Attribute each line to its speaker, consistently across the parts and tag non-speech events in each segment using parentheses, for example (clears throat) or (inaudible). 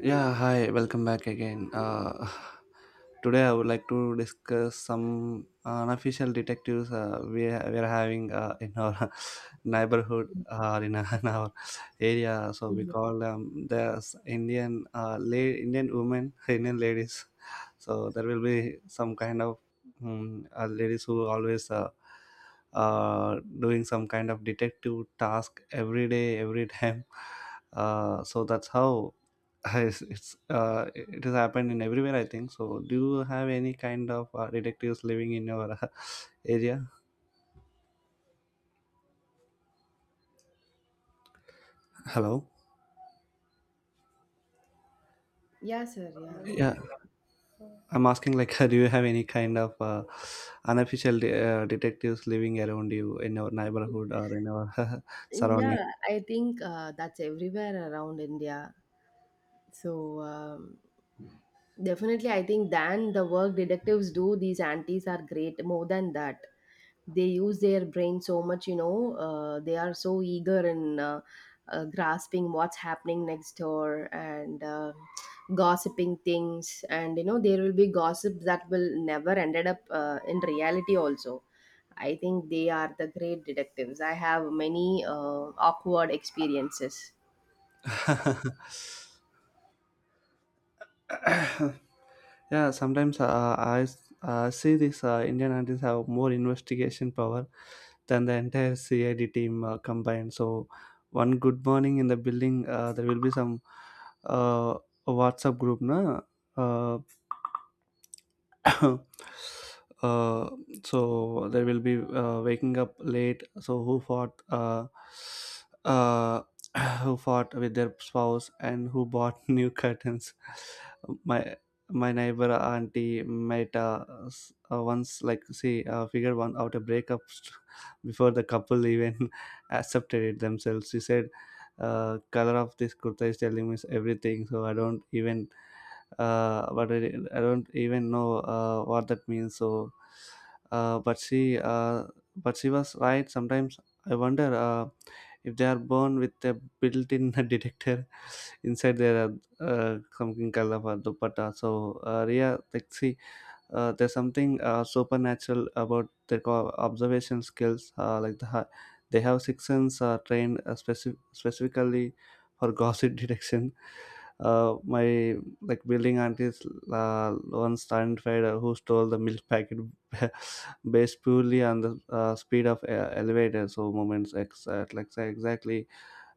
Speaker 1: Yeah, hi, welcome back again. (sighs) Today I would like to discuss some unofficial detectives we are having in our (laughs) neighborhood (laughs) in our area. So we
Speaker 2: Mhm.
Speaker 1: call them the Indian Indian women, (laughs) Indian ladies. So there will be some kind of ladies who always doing some kind of detective task every day, every (laughs) time. So that's how Yes, it's it has happened in everywhere. I think so, do you have any kind of detectives living in your (laughs) area? Hello?
Speaker 2: Yeah, sir. Yeah,
Speaker 1: Yeah, I'm asking, like, (laughs) do you have any kind of unofficial detectives living around you, in your neighborhood or in your (laughs) surrounding?
Speaker 2: yeah. I think that's everywhere around India. So, definitely, I think than the work detectives do, these aunties are great more than that. They use their brain so much, you know, they are so eager in grasping what's happening next door, and gossiping things. And you know there will be gossip that will never ended up in reality also. I think they are the great detectives. I have many awkward experiences.
Speaker 1: (laughs) (coughs) Yeah, sometimes see these Indian artists have more investigation power than the entire CID team combined. So one good morning in the building there will be some uh, WhatsApp group na. uh, (coughs) (laughs) uh, so they will be waking up late. So who fought uh, (coughs) (clears throat) who fought with their spouse, and who bought (laughs) new curtains. my my neighbor auntie met once, like, see figure one out a breakup. (laughs) Before the couple even (laughs) accepted it themselves, she said, "Color of this kurta is telling me everything, so I don't even but I don't even know what that means." So, uh, but she, uh, but she was right. Sometimes I wonder if they are born with a built-in (laughs) detector inside their something called a dupatta. So, Ria, like, see, there's something supernatural about their observation skills, they have six sense trained specifically for gossip (laughs) detection. My Like building aunties once identified who stole the milk packet (laughs) based purely on the speed of elevator. So moments ex- at like say exactly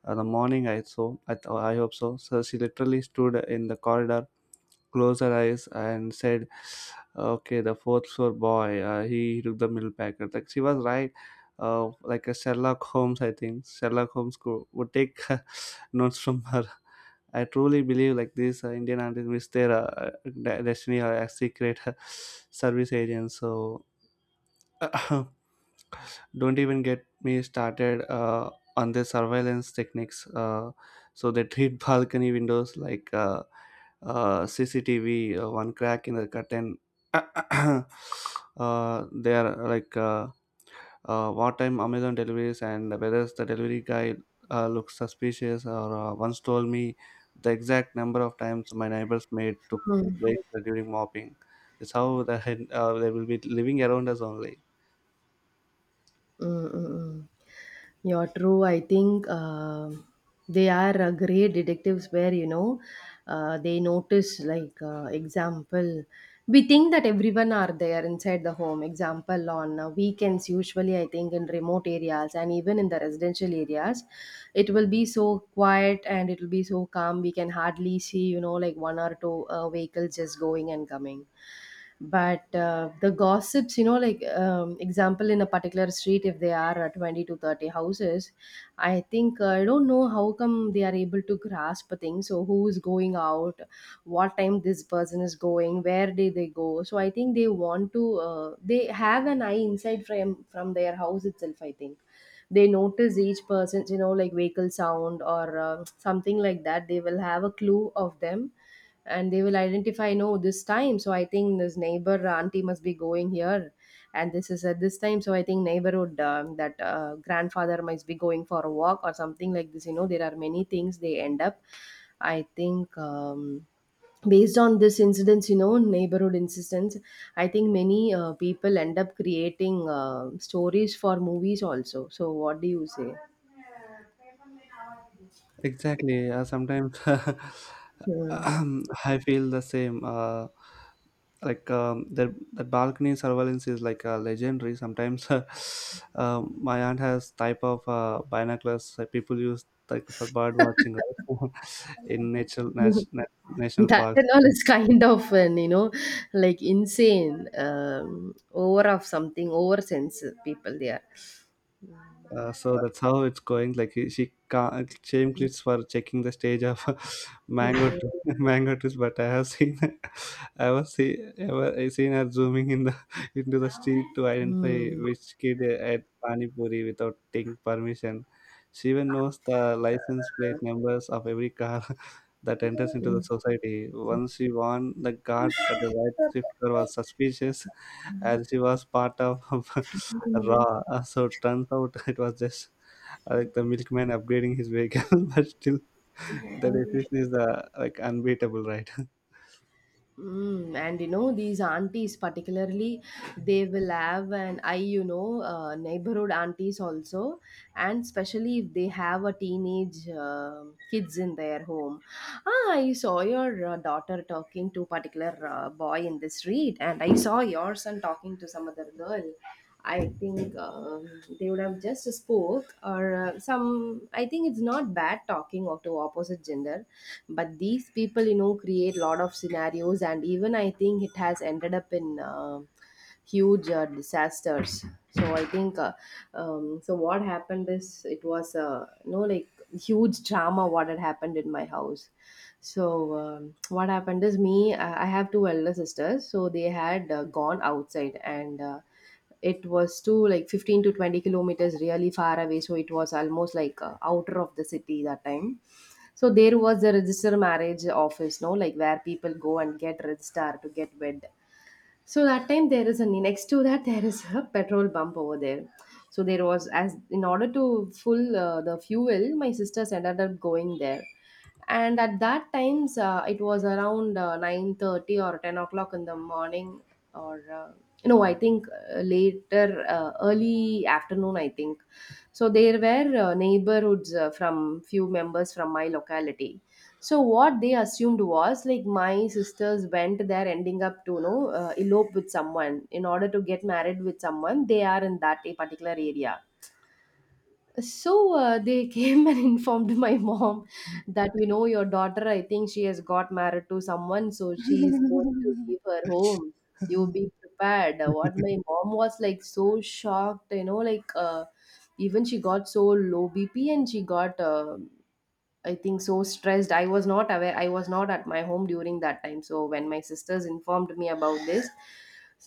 Speaker 1: the morning I saw. I hope so. So she literally stood in the corridor, closed her eyes, and said, "Okay, the fourth floor boy. He took the milk packet." Like, she was right. Like a Sherlock Holmes. I think Sherlock Holmes would take (laughs) notes from her. I truly believe like this. Indian artists miss their destiny or as secret (laughs) service agents. So (coughs) (clears throat) don't even get me started on the surveillance techniques. So they treat (laughs) balcony windows like CCTV. One crack in the curtain, (coughs) (clears throat) they are like, what time Amazon deliveries and whether the delivery guy looks suspicious. Or once told me the exact number of times my neighbor's maid took breaks during mopping. That's how the head, they will be living around us only.
Speaker 2: Mm, mm, mm. You're true. I think they are great detectives where, you know, they notice, like, example, we think that everyone are there inside the home. Example, on weekends, usually, I think in remote areas and even in the residential areas, it will be so quiet and it will be so calm. We can hardly see, you know, like one or two vehicles just going and coming, but the gossips, you know, like example, in a particular street if they are 20 to 30 houses. I think I don't know how come they are able to grasp things. So who is going out, what time this person is going, where did they go. So I think they want to they have an eye inside from their house itself, I think. They notice each person's, you know, like vehicle sound or something like that. They will have a clue of them, and they will identify, no, this time, so I think this neighbor auntie must be going here, and this is at this time, so I think neighborhood that grandfather must be going for a walk or something like this. You know, there are many things they end up. I think based on this incidents, you know, neighborhood incidents, I think many people end up creating stories for movies also. So what do you say?
Speaker 1: Exactly. Sometimes (laughs)
Speaker 2: Hmm.
Speaker 1: I feel the same. Like, the balcony surveillance is like legendary. Sometimes (laughs) my aunt has type of binoculars that people use, like, for bird watching, right? (laughs) In
Speaker 2: (laughs)
Speaker 1: national
Speaker 2: That
Speaker 1: parks.
Speaker 2: and all is kind of an, you know, like insane, over of something, over sense people there.
Speaker 1: So that's how it's going. Like, he, she can't shame clips for checking the stage of (laughs) (laughs) mango trees, but I have seen, (laughs) I seen her zooming in the (laughs) into the street to identify
Speaker 2: Hmm.
Speaker 1: which kid at pani puri without taking permission. She even knows the license plate numbers of every car (laughs) that enters into the society. Once she warned the guard that the white shift car was suspicious, as she was part of (laughs)
Speaker 2: Hmm.
Speaker 1: raw. So turns out (laughs) it was just like the milkman upgrading his vehicle, (laughs) but still the resist is, like, unbeatable, right?
Speaker 2: Mm, and you know these aunties particularly, they will have, and I, you know, neighborhood aunties also, and especially if they have a teenage kids in their home. Ah, I saw your daughter talking to particular boy in the street, and I saw your son talking to some other girl. I think they would have just spoke or some. I think it's not bad talking of to opposite gender, but these people, you know, create lot of scenarios, and even I think it has ended up in huge disasters. So I think so what happened is, it was you know, like, huge drama what had happened in my house. So what happened is, me I have two elder sisters, so they had gone outside, and it was to like 15 to 20 kilometers really far away, so it was almost like outer of the city that time. So there was the register marriage office, no, like where people go and get registered to get wed. So that time, there is a next to that (laughs) there is a (laughs) petrol bump over there. So there was, as in order to full the fuel, my sisters ended up going there. And at that times, it was around nine thirty or ten o'clock in the morning, or no, I think later, early afternoon, I think so. There were neighborhoods from few members from my locality, so what they assumed was, like, my sisters went there ending up to, you know, elope with someone in order to get married with someone they are in that a particular area. So they came and (laughs) informed my mom that, you know, your daughter, I think, she has got married to someone, so she is going to
Speaker 1: (laughs)
Speaker 2: leave her home, you be prepared. What, my mom was like so shocked, you know, like even she got so low BP, and she got I think so stressed. I was not aware, I was not at my home during that time. So when my sisters informed me about this,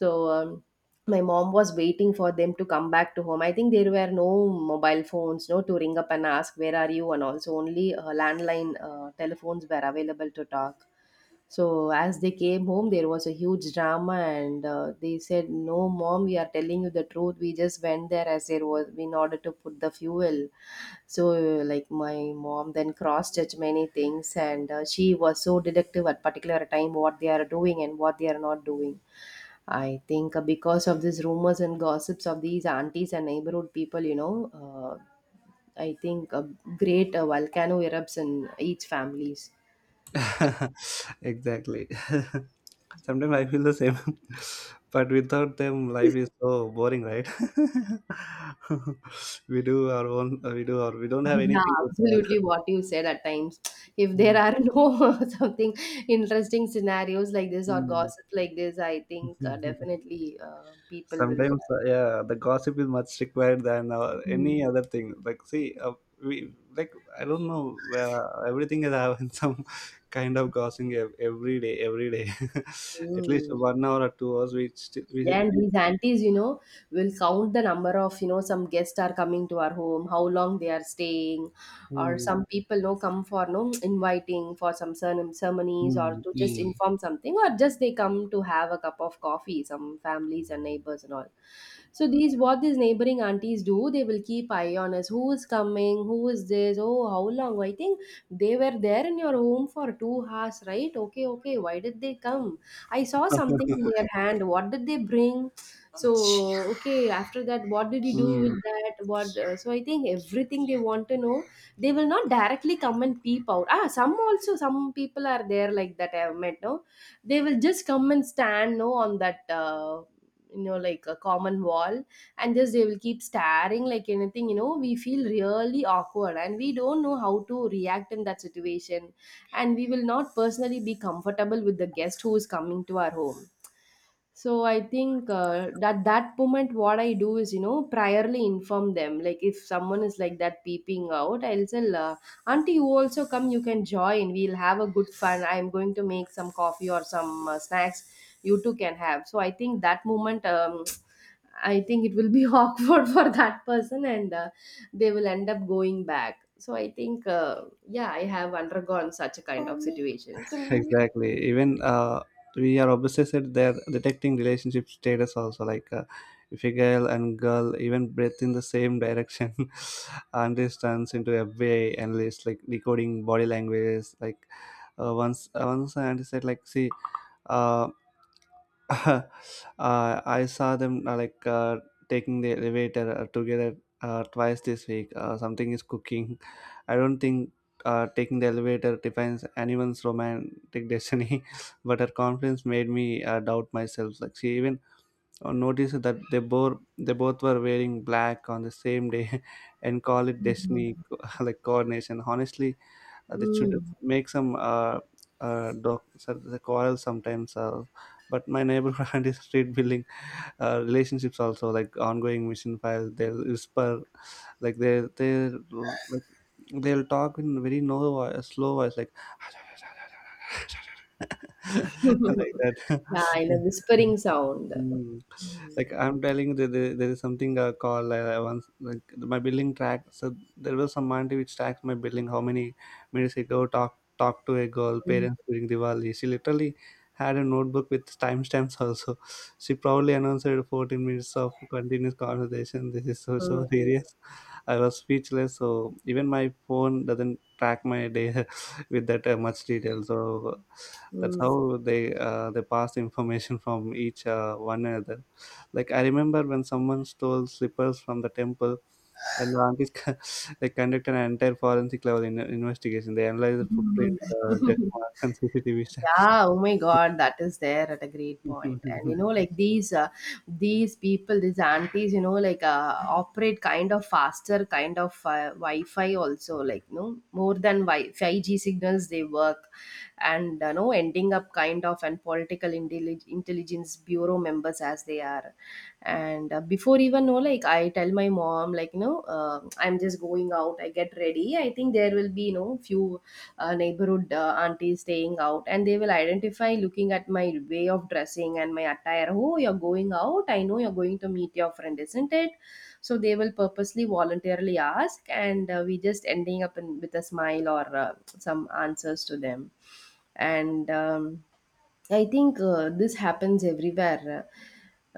Speaker 2: so my mom was waiting for them to come back to home. I think there were no mobile phones, no, to ring up and ask, "Where are you?" and also only landline telephones were available to talk. So as they came home, there was a huge drama, and they said, "No, mom, we are telling you the truth. We just went there as there was in order to put the fuel." So, like, my mom then cross-checked many things, and she was so deductive at particular time what they are doing and what they are not doing. I think because of these rumors and gossips of these aunties and neighborhood people, you know, uh, I think a great volcano erupts in each families.
Speaker 1: Exactly. (laughs) Sometimes I feel the same, (laughs) but without them, life is so boring, right? (laughs) We do our own, we do our, we don't have
Speaker 2: Yeah,
Speaker 1: anything to
Speaker 2: absolutely what you said at times. If there are no (laughs) something interesting scenarios like this or gossip like this, I think
Speaker 1: talk. (laughs)
Speaker 2: definitely people will.
Speaker 1: Sometimes yeah, the gossip is much required than any
Speaker 2: Mm.
Speaker 1: other thing. Like, see, we like, I don't know, everything is having (laughs) some kind of gossiping every day, every day. (laughs) At least
Speaker 2: Mm.
Speaker 1: 1 hour or 2 hours we still we.
Speaker 2: Yeah, and these aunties, you know, will count the number of, you know, some guests are coming to our home, how long they are staying, or
Speaker 1: Hmm,
Speaker 2: some people, no, come for, no, inviting for some certain ceremonies or
Speaker 1: hmm,
Speaker 2: to just
Speaker 1: hmm,
Speaker 2: inform something, or just they come to have a cup of coffee, some families and neighbors and all. So these, what these neighboring aunties do, they will keep eye on us, who is coming, who is this, oh, how long, I think they were there in your home for 2 hours, right? Okay, okay, why did they come? I saw something in their hand. What did they bring? So, okay, after that, what did you do with
Speaker 1: hmm.
Speaker 2: that? What? So I think everything they want to know, they will not directly come and peep out. Ah, some also some people are there like that, I have met. No, they will just come and stand, no, on that. You know, like a common wall, and just they will keep staring like anything, you know. We feel really awkward and we don't know how to react in that situation, and we will not personally be comfortable with the guest who is coming to our home. So I think that moment, what I do is, you know, priorly inform them. Like if someone is like that peeping out, I'll say, "Auntie, you also come. You can join. We'll have a good fun. I'm going to make some coffee or some snacks. You two can have." So I think that moment, (tsk) I think it will be (laughs) awkward for that person, and they will end up going back. So I think, yeah, I have undergone such a kind of situations.
Speaker 1: Exactly, even we are obsessed. They're detecting relationship status also, like, if a girl and girl even breathe in the same direction, (laughs) and this turns into a way analyst, like decoding body language. Like once I understand, like, see, uh, (laughs) uh, I saw them taking the elevator together twice this week. Something is cooking. I don't think taking the elevator defines anyone's romantic (laughs) destiny, but her confidence made me doubt myself. Like, she even noticed that they both were wearing black on the same day, (laughs) and call it destiny. (laughs) Like coordination. Honestly, they should
Speaker 2: Mm.
Speaker 1: make some doc so the quarrel sometimes. But my neighborhood (laughs) is street building relationships also, like ongoing mission files. They'll whisper, like, like they'll talk in very no voice, slow voice, like (laughs)
Speaker 2: (laughs)
Speaker 1: like that.
Speaker 2: Yeah,
Speaker 1: (laughs)
Speaker 2: in a whispering sound.
Speaker 1: Mm. Like, I'm telling you, there is something called, once, like, my billing track. So there was some auntie which tracks my billing. How many minutes I go talk to a girl parents during Diwali. She literally had a notebook with timestamps (laughs) also. She proudly announced 14 minutes of continuous conversation. This is so
Speaker 2: Heu
Speaker 1: serious. I was speechless. So even my phone doesn't track my day (laughs) with that much detail. So that's
Speaker 2: heu,
Speaker 1: how they pass information from each one another. Like, I remember when someone stole slippers from the temple, and the aunties (laughs) they conducted an entire forensic level investigation. They analyzed the footprints, death marks, and CCTV.
Speaker 2: yeah, oh my god, that is there at a great point. And you
Speaker 1: (laughs)
Speaker 2: know like these people, these aunties, you know, like operate kind of faster kind of wi-fi also, like no, more than 5G signals they work. And no, ending up kind of and political intelligence bureau members as they are. And before even know, like, I tell my mom, like, you know, I'm just going out. I get ready, I think there will be, you know, few neighborhood old aunties staying out, and they will identify looking at my way of dressing and my attire, "Oh, you're going out, I know you're going to meet your friend, isn't it?" So they will purposely voluntarily ask, and we just ending up in, with a smile or some answers to them. And I think this happens everywhere.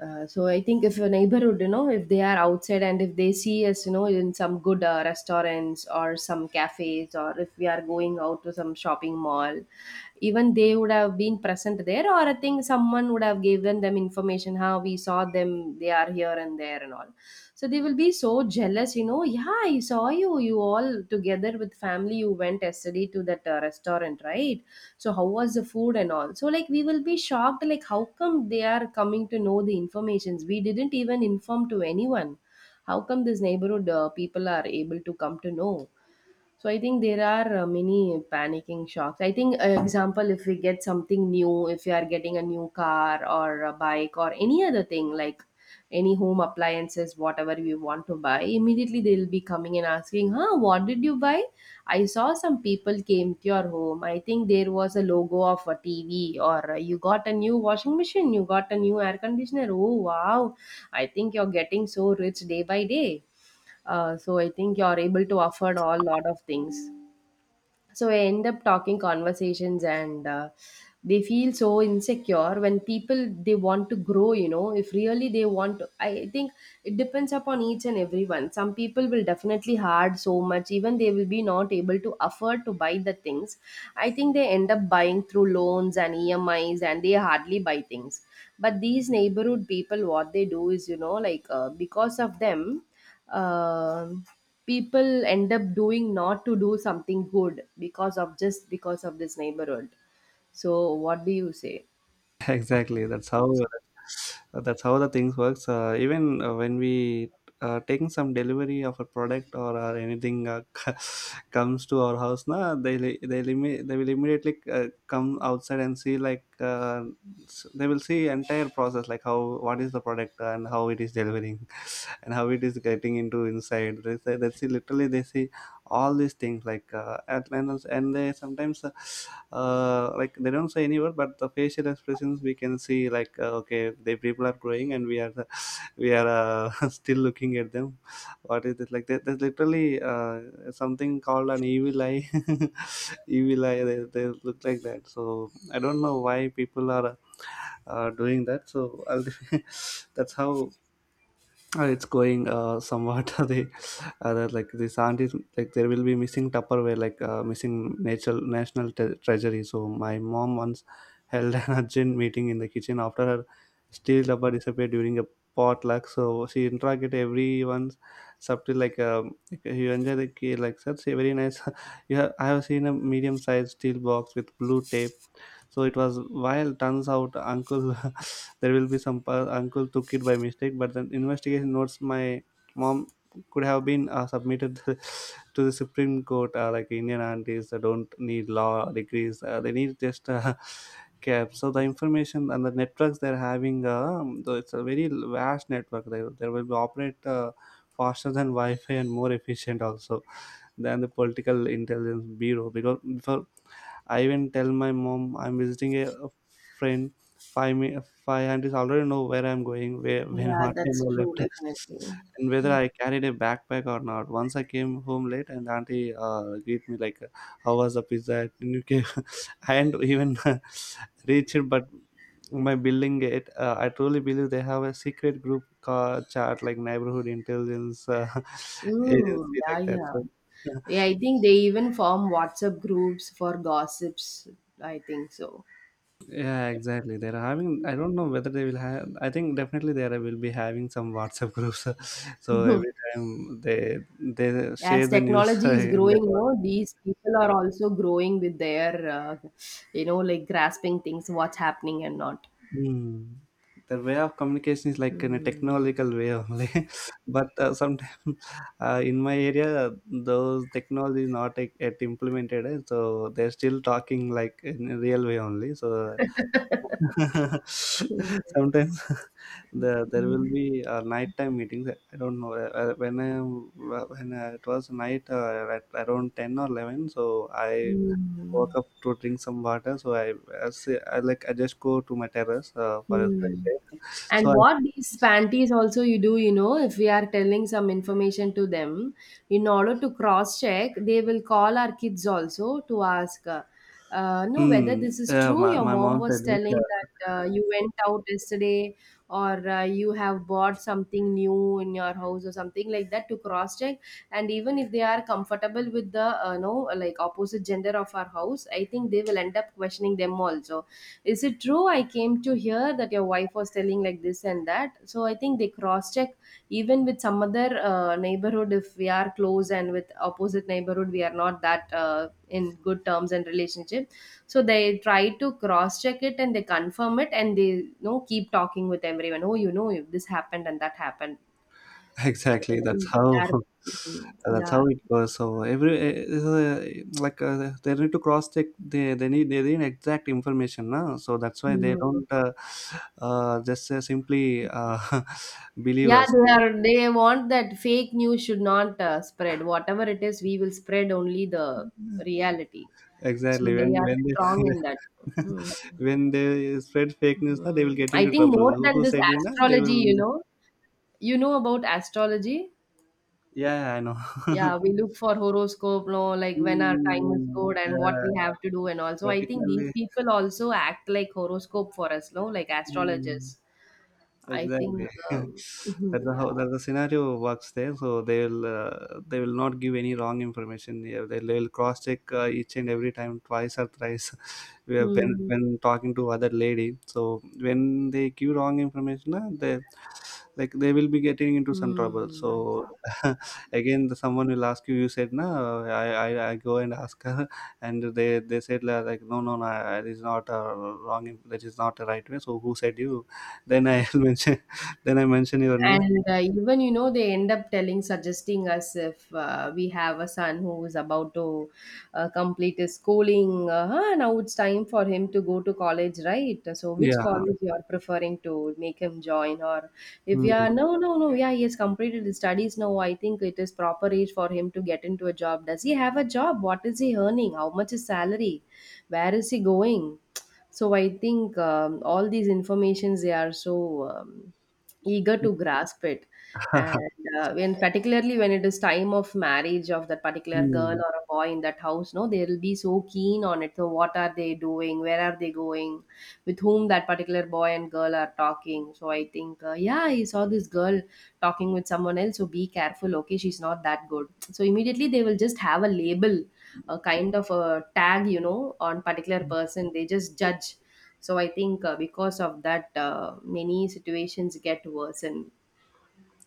Speaker 2: So I think if a neighborhood, you know, if they are outside and if they see us, you know, in some good restaurants or some cafes, or if we are going out to some shopping mall, even they would have been present there, or I think someone would have given them information how we saw them, they are here and there and all, so they will be so jealous, you know. Yeah, I saw you, you all together with family, you went yesterday to that restaurant, right? So how was the food and all? So like we will be shocked, like how come they are coming to know the informations? We didn't even inform to anyone. How come this neighborhood people are able to come to know? So I think there are many panicking shocks, I think. Uh, example, if we get something new, if you are getting a new car or a bike or any other thing, like any home appliances, whatever we want to buy, immediately they'll be coming and asking, huh, what did you buy? I saw some people came to your home. I think there was a logo of a TV, or you got a new washing machine, you got a new air conditioner. Oh wow, I think you're getting so rich day by day. So I think you're able to offer a lot of things. So I end up talking conversations, and they feel so insecure when people they want to grow, you know, if really they want to, I think it depends upon each and everyone. Some people will definitely hard so much, even they will be not able to afford to buy the things. I think they end up buying through loans and EMIs, and they hardly buy things. But these neighborhood people, what they do is, you know, like because of them, um people end up doing, not to do something good, because of, just because of this neighborhood. So what do you say?
Speaker 1: (laughs) Exactly. That's how the things works. Even when we taking some delivery of a product or anything (laughs) comes to our house, na, they li- they limi- they will immediately come outside and see, like, they will see entire process, like how, what is the product and how it is delivering, (laughs) and how it is getting into inside. They say, they see, literally they see all these things, like, and they sometimes like, they don't say any word, but the facial expressions we can see, like, okay, the people are growing and we are the, (laughs) we are, (laughs) still looking at them. What is it like? There's literally something called an evil eye. (laughs) Evil eye they look like that. So I don't know why people are doing that. So I'll, (laughs) that's how it's going, somewhat. (laughs) The that, like, this aunt is like, there will be missing Tupperware, like missing natural national tre- treasury. So my mom once held an (laughs) urgent meeting in the kitchen after her steel rubber disappeared during a potluck. So she interrogated everyone subtly, like, like, you enjoy the key, like, that's a very nice. (laughs) You have, I have seen a medium sized steel box with blue tape. So it was while turns out uncle (laughs) there will be some uncle took it by mistake, but the investigation notes my mom could have been submitted (laughs) to the supreme court. Like, Indian aunties don't need law degrees. They need just (laughs) cap. So the information and the networks they're having, though it's a very vast network, there will be operate faster than Wi-Fi and more efficient also than the political intelligence bureau. Because for I even tell my mom I'm visiting a friend, five mi- five aunties already know where I'm going, where, when,
Speaker 2: Yeah,
Speaker 1: what time
Speaker 2: that's
Speaker 1: I
Speaker 2: true,
Speaker 1: left,
Speaker 2: definitely.
Speaker 1: (laughs) and whether I carried a backpack or not. Once I came home late, and auntie greet me, like, "How was the pizza at UK?" I had (laughs) even (laughs) reached it, but my building gate. I truly believe they have a secret group chat, like neighborhood intelligence (laughs) agency,
Speaker 2: Yeah,
Speaker 1: like that.
Speaker 2: yeah.
Speaker 1: So. (laughs)
Speaker 2: Yeah, I think they even form WhatsApp groups for gossips, I think so.
Speaker 1: Yeah, exactly. They're having. I don't know whether they will have. I think definitely they will be having some WhatsApp groups. (laughs) So every time they share
Speaker 2: As
Speaker 1: the news (laughs)
Speaker 2: technology is
Speaker 1: in the.
Speaker 2: growing, you know, these people are also growing with their, you know, like grasping things, what's happening and not.
Speaker 1: Mm. The way of communication is like in a
Speaker 2: Hmm.
Speaker 1: technological way only, (laughs) but sometimes (laughs) in my area those technology is not yet implemented, so they're still talking like in a real way only. So (laughs) Sometimes (laughs) there will be nighttime meetings. I don't know when I when it was night at around 10 or 11. So I woke
Speaker 2: Hmm.
Speaker 1: up to drink some water. So I, say, I like I just go to my terrace for a
Speaker 2: Hmm.
Speaker 1: fresh air. (laughs) So
Speaker 2: And
Speaker 1: I
Speaker 2: what these panties also you do, you know, if we are telling some information to them, in order to cross check, they will call our kids also to ask, no, whether this is
Speaker 1: yeah,
Speaker 2: true.
Speaker 1: my
Speaker 2: Your
Speaker 1: my
Speaker 2: mom
Speaker 1: mom
Speaker 2: was
Speaker 1: said this.
Speaker 2: telling that you went out yesterday, or you have bought something new in your house or something like that, to cross check. And even if they are comfortable with the, no, like opposite gender of our house, I think they will end up questioning them also. Is it true, I came to hear that your wife was telling like this and that? So I think they cross check even with some other neighborhood. If we are close and with opposite neighborhood we are not that in good terms and relationship, so they try to cross check it, and they confirm it, and they, you know, keep talking with everyone, oh, you know, this happened and that happened. (laughs)
Speaker 1: Exactly. That's
Speaker 2: They
Speaker 1: how
Speaker 2: are—
Speaker 1: (laughs)
Speaker 2: Mm,
Speaker 1: that's
Speaker 2: yeah.
Speaker 1: how it goes. So every they need to cross check. They need exact information now. So that's why they
Speaker 2: Hmm.
Speaker 1: don't just simply (laughs) believe
Speaker 2: Yeah,
Speaker 1: us.
Speaker 2: they are. They want that fake news should not spread. Whatever it is, we will spread only the reality. So
Speaker 1: Exactly. When
Speaker 2: they are
Speaker 1: when
Speaker 2: strong in that.
Speaker 1: they
Speaker 2: Mhm.
Speaker 1: (laughs) when they spread fake news, na, they will
Speaker 2: Mhm.
Speaker 1: get
Speaker 2: I
Speaker 1: into
Speaker 2: think
Speaker 1: trouble.
Speaker 2: more
Speaker 1: Who,
Speaker 2: than
Speaker 1: who
Speaker 2: this
Speaker 1: said you? Na, they
Speaker 2: astrology,
Speaker 1: will.
Speaker 2: you know about astrology.
Speaker 1: Yeah, I know.
Speaker 2: Yeah, we
Speaker 1: (laughs)
Speaker 2: look for horoscope, no, like when our time is
Speaker 1: Mm,
Speaker 2: good and what we
Speaker 1: yeah,
Speaker 2: have to do, and also I think these
Speaker 1: particularly.
Speaker 2: people also act like horoscope for us, no, like
Speaker 1: Mm.
Speaker 2: astrologists. I think,
Speaker 1: Exactly. (laughs)
Speaker 2: (laughs) mhm, yeah.
Speaker 1: That's the scenario works there. So they will not give any wrong information. Yeah, they will cross check each and every time, twice or thrice. (laughs) we have been
Speaker 2: Hmm.
Speaker 1: when talking to other lady. So when they give wrong information, they like they will be getting into some trouble.
Speaker 2: Hmm.
Speaker 1: So (laughs) again, someone will ask you. You said no. I go and ask her, (laughs) and they said like no, no, no. It is not a wrong. That is not the right way. So who said you? Then I'll (laughs) mention Then I mention your name.
Speaker 2: And even, you know, they end up telling, suggesting us, if we have a son who is about to complete his schooling, "Ah, now it's time for him to go to college, right? So which
Speaker 1: Yeah.
Speaker 2: college you are preferring to make him join?" Or if we
Speaker 1: Hmm.
Speaker 2: are, no, no, no, yeah, he has completed his studies. No, I think it is proper age for him to get into a job. Does he have a job? What is he earning? How much is salary? Where is he going? So I think, all these informations they are so, um, eager to grasp it.
Speaker 1: (laughs)
Speaker 2: And when, particularly when it is time of marriage of that particular girl
Speaker 1: Hmm.
Speaker 2: or a boy in that house, no, they'll be so keen on it. So what are they doing? Where are they going? With whom that particular boy and girl are talking? So I think, yeah, I saw this girl talking with someone else, so be careful, okay, she's not that good. So immediately they will just have a label, a kind of a tag, you know, on particular person, they just judge. So I think because of that many situations get worsened.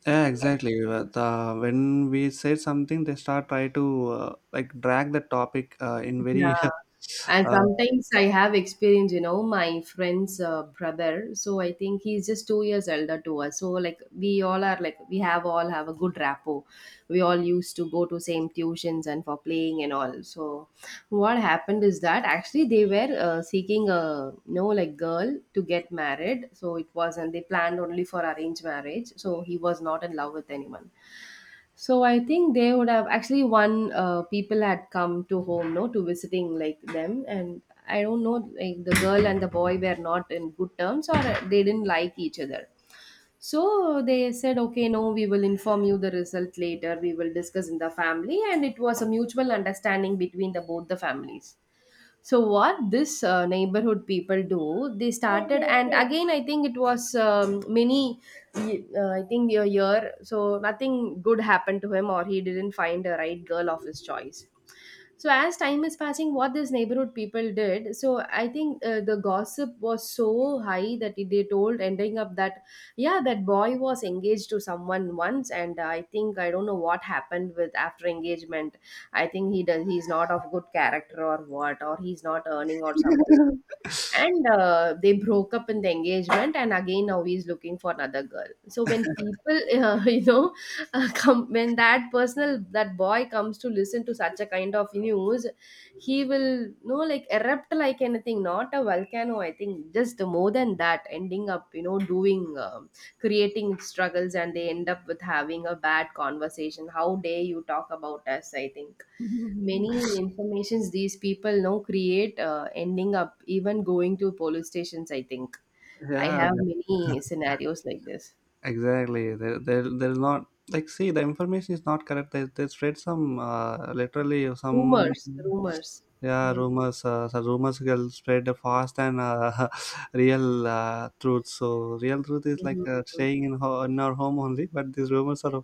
Speaker 1: Yeah, exactly. But, uh, when we say something, they start try to like drag the topic in very
Speaker 2: Yeah. And sometimes I have experience, you know, my friend's brother, so I think he's just 2 years elder to us, so like we all are, like we have, all have a good rapport. We all used to go to same tuitions and for playing and all. So what happened is that, actually they were seeking a, you know, like girl to get married, so it wasn't, they planned only for arranged marriage, so he was not in love with anyone. So I think they would have, actually one people had come to home, no, to visiting like them, and I don't know, like the girl and the boy were not in good terms or they didn't like each other. So they said, okay, no, we will inform you the result later. We will discuss in the family, and it was a mutual understanding between the both the families. So what this neighborhood people do, they started, and again I think it was, many I think a year, so nothing good happened to him or he didn't find a right girl of his choice. So as time is passing, what this neighborhood people did, so I think the gossip was so high that it- they told, ending up that yeah, that boy was engaged to someone once, and I think I don't know what happened with after engagement. I think he does, he's not of good character or what, or he's not earning or something,
Speaker 1: (laughs) uh,
Speaker 2: and they broke up in the engagement, and again now he's looking for another girl. So when people (laughs) you know, come, when that personal that boy comes to listen to such a kind of news, he will, you know, like erupt like anything, not a volcano, I think just more than that, ending up, you know, doing, um, creating struggles, and they end up with having a bad conversation, how dare you talk about us? I think many informations these people now create, ending up even going to police stations. I think I have
Speaker 1: (laughs) yeah.
Speaker 2: many scenarios like this.
Speaker 1: Exactly there there's not like see the information is not correct they spread some literally some
Speaker 2: Rumors, rumors.
Speaker 1: yeah rumors so rumors will spread fast and (laughs) real truth so real truth is like
Speaker 2: Mhm.
Speaker 1: staying in, in our home only but these rumors are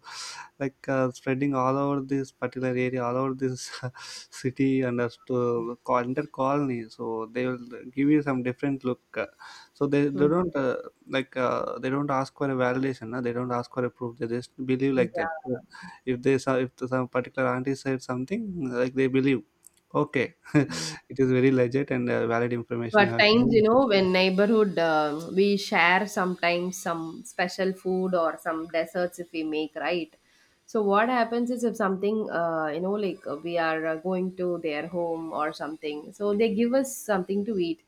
Speaker 1: like spreading all over this particular area all over this (laughs) city and as to call- entire colony so they will give you some different look so they
Speaker 2: Mhm.
Speaker 1: don't like they don't ask for a validation, no? They don't ask for a proof. They just believe like that.
Speaker 2: Yeah.
Speaker 1: So if they saw if some particular auntie said something, like they believe. Okay, (laughs) it is very legit and valid
Speaker 2: So
Speaker 1: information you
Speaker 2: at
Speaker 1: have
Speaker 2: times,
Speaker 1: given.
Speaker 2: you know, when neighborhood, um, we share sometimes some special food or some desserts if we make, right? So what happens is, if something, you know, like we are going to their home or something, so they give us something to eat.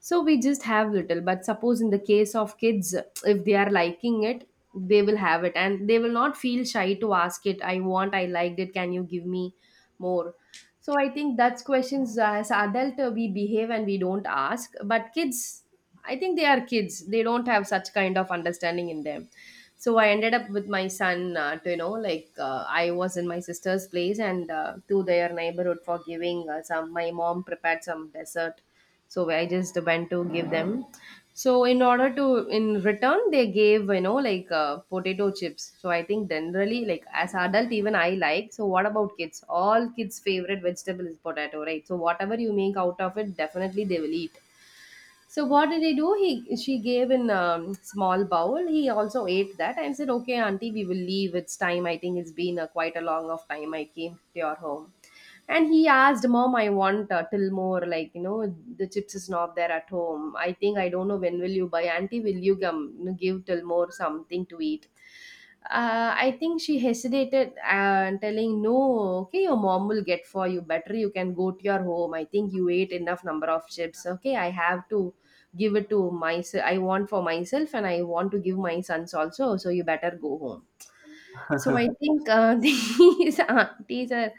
Speaker 2: So we just have little. But suppose in the case of kids, if they are liking it, they will have it, and they will not feel shy to ask it. I want, I liked it, can you give me more? So I think that's questions as adult we behave and we don't ask, but kids, I think they are kids, they don't have such kind of understanding in them. So I ended up with my son, to, you know, like I was in my sister's place, and to their neighborhood for giving some. My mom prepared some dessert, so I just went to give them. So in order to, in return they gave, you know, like potato chips. So I think generally, like as adult even I like, so what about kids? All kids' favorite vegetable is potato, right? So whatever you make out of it, definitely they will eat. So what did he do? He, she gave in, small bowl. He also ate that and said, "Okay, auntie, we will leave. It's time. I think it's been a, quite a long of time I came to your home." And he asked, "Mom, I want till more. Like, you know, the chips is not there at home. I think I don't know when will you buy. Auntie, will you come give till more something to eat?" I think she hesitated and telling, "No, okay, your mom will get for you. Better you can go to your home. I think you ate enough number of chips. Okay, I have to give it to myself. I want for myself, and I want to give my sons also, so you better go home." So I
Speaker 1: (laughs)
Speaker 2: think, (laughs) these aunties are,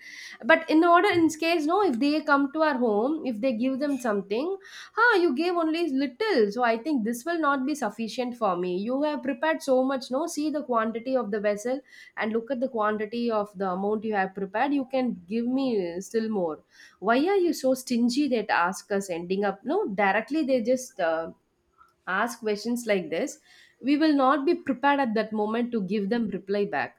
Speaker 2: but in order, in case, no, if they come to our home, if they give them something, huh, you gave only little. So I think this will not be sufficient for me. You have prepared so much, no, see the quantity of the vessel and look at the quantity of the amount you have prepared. You can give me still more. Why are you so stingy? That ask us, ending up, no, directly they just, uh, ask questions like this. We will not be prepared at that moment to give them reply back.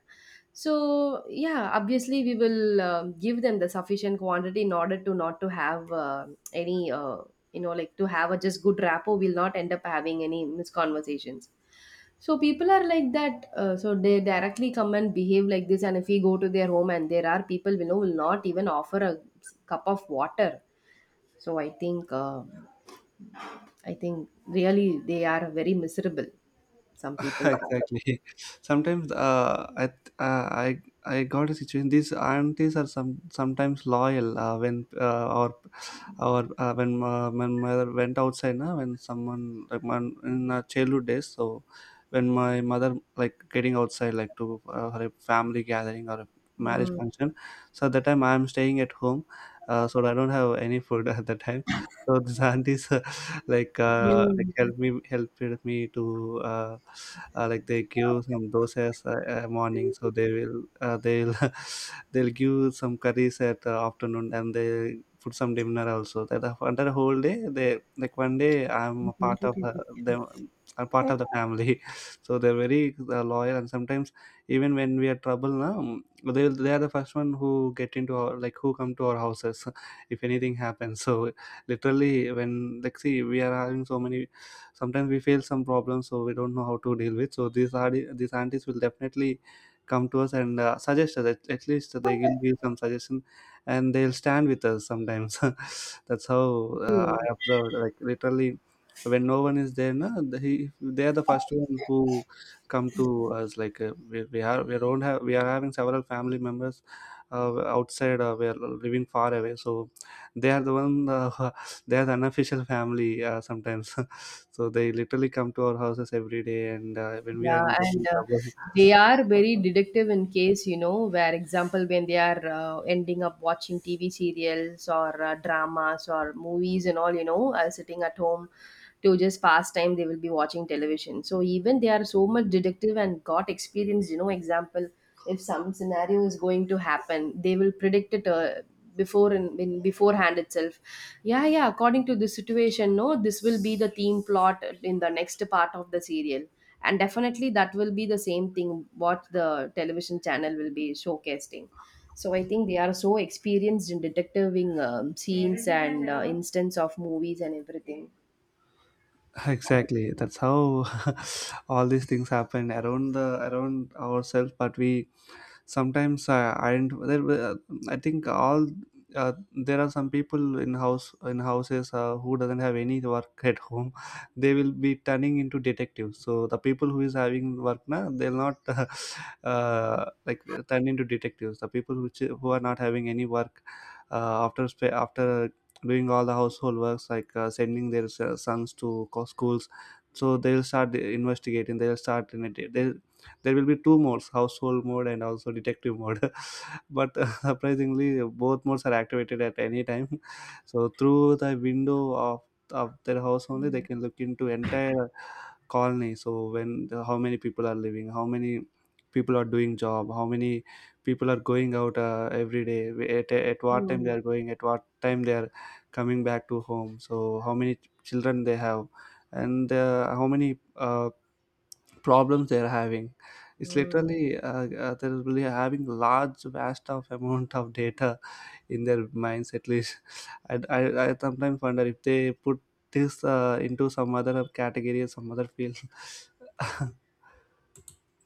Speaker 2: So yeah, obviously we will give them the sufficient quantity in order to not to have any you know, like to have a just good rapport, we'll not end up having any misconversations. So people are like that, so they directly come and behave like this, and if we go to their home, and there are people we know, will not even offer a cup of water. So I think, I think really they are very miserable, some
Speaker 1: (laughs)
Speaker 2: people.
Speaker 1: exactly. Sometimes I got a situation. These aunties are some sometimes loyal when mother went outside na, when someone like man, in our childhood days. So when my mother like getting outside like to her family gathering or a marriage
Speaker 2: Mm.
Speaker 1: function, so at that time I am staying at home. So I don't have any food (laughs) at that time. So these aunties (laughs) (laughs) like
Speaker 2: Mm.
Speaker 1: helped me to like they give some dosas morning so they will they'll (laughs) they'll give some curries at afternoon and they put some dinner also that under the whole day they like one day I'm a part of them, I'm part of the family. (laughs) So they're very loyal and sometimes even when we are trouble now they are the first one who get into our like who come to our houses (laughs) if anything happens so literally when like see we are having so many sometimes we face some problems so we don't know how to deal with so these aunties will definitely come to us and suggest us at least they will give some suggestion and they'll stand with us sometimes. (laughs) That's how I observed like literally when no one is there no they are the first ones who come to us like we don't have we are having several family members outside we are living far away so they are the one (laughs) they are the unofficial family sometimes. (laughs) So they literally come to our houses every day and when we are
Speaker 2: Yeah,
Speaker 1: in getting
Speaker 2: and
Speaker 1: trouble
Speaker 2: they are very deductive in case, you know, where example when they are ending up watching TV serials or dramas or movies and all, you know, sitting at home to just pass time, they will be watching television. So even they are so much deductive and got experience, you know, example, if some scenario is going to happen, they will predict it before in beforehand itself. Yeah, yeah, according to the situation, no, this will be the theme plot in the next part of the serial, and definitely that will be the same thing what the television channel will be showcasing. So I think they are so experienced in detectiving, scenes and instance of movies and everything.
Speaker 1: (laughs) exactly that's how (laughs) all these things happen around the around ourselves but we sometimes I identify there uh, I think all uh, there are some people in houses who doesn't have any work at home. (laughs) They will be turning into detectives so the people who is having work now they'll not (laughs) uh, like turn into detectives, the people who are not having any work after doing all the household works like sending their sons to schools so they'll start investigating, they'll start in a, they there will be two modes, household mode and also detective mode. (laughs) But surprisingly both modes are activated at any time. (laughs) So through the window of their house only they can look into entire colony. So when how many people are living, how many people are doing job, how many people are going out every day, at what time they
Speaker 2: Hmm.
Speaker 1: are going, at what time they are coming back to home, so how many children they have and how many problems they are having. It's
Speaker 2: Hmm.
Speaker 1: literally they will be having large, vast of amount of data in their minds. At least, (laughs) I sometimes wonder if they put this into some other category or some other field. (laughs)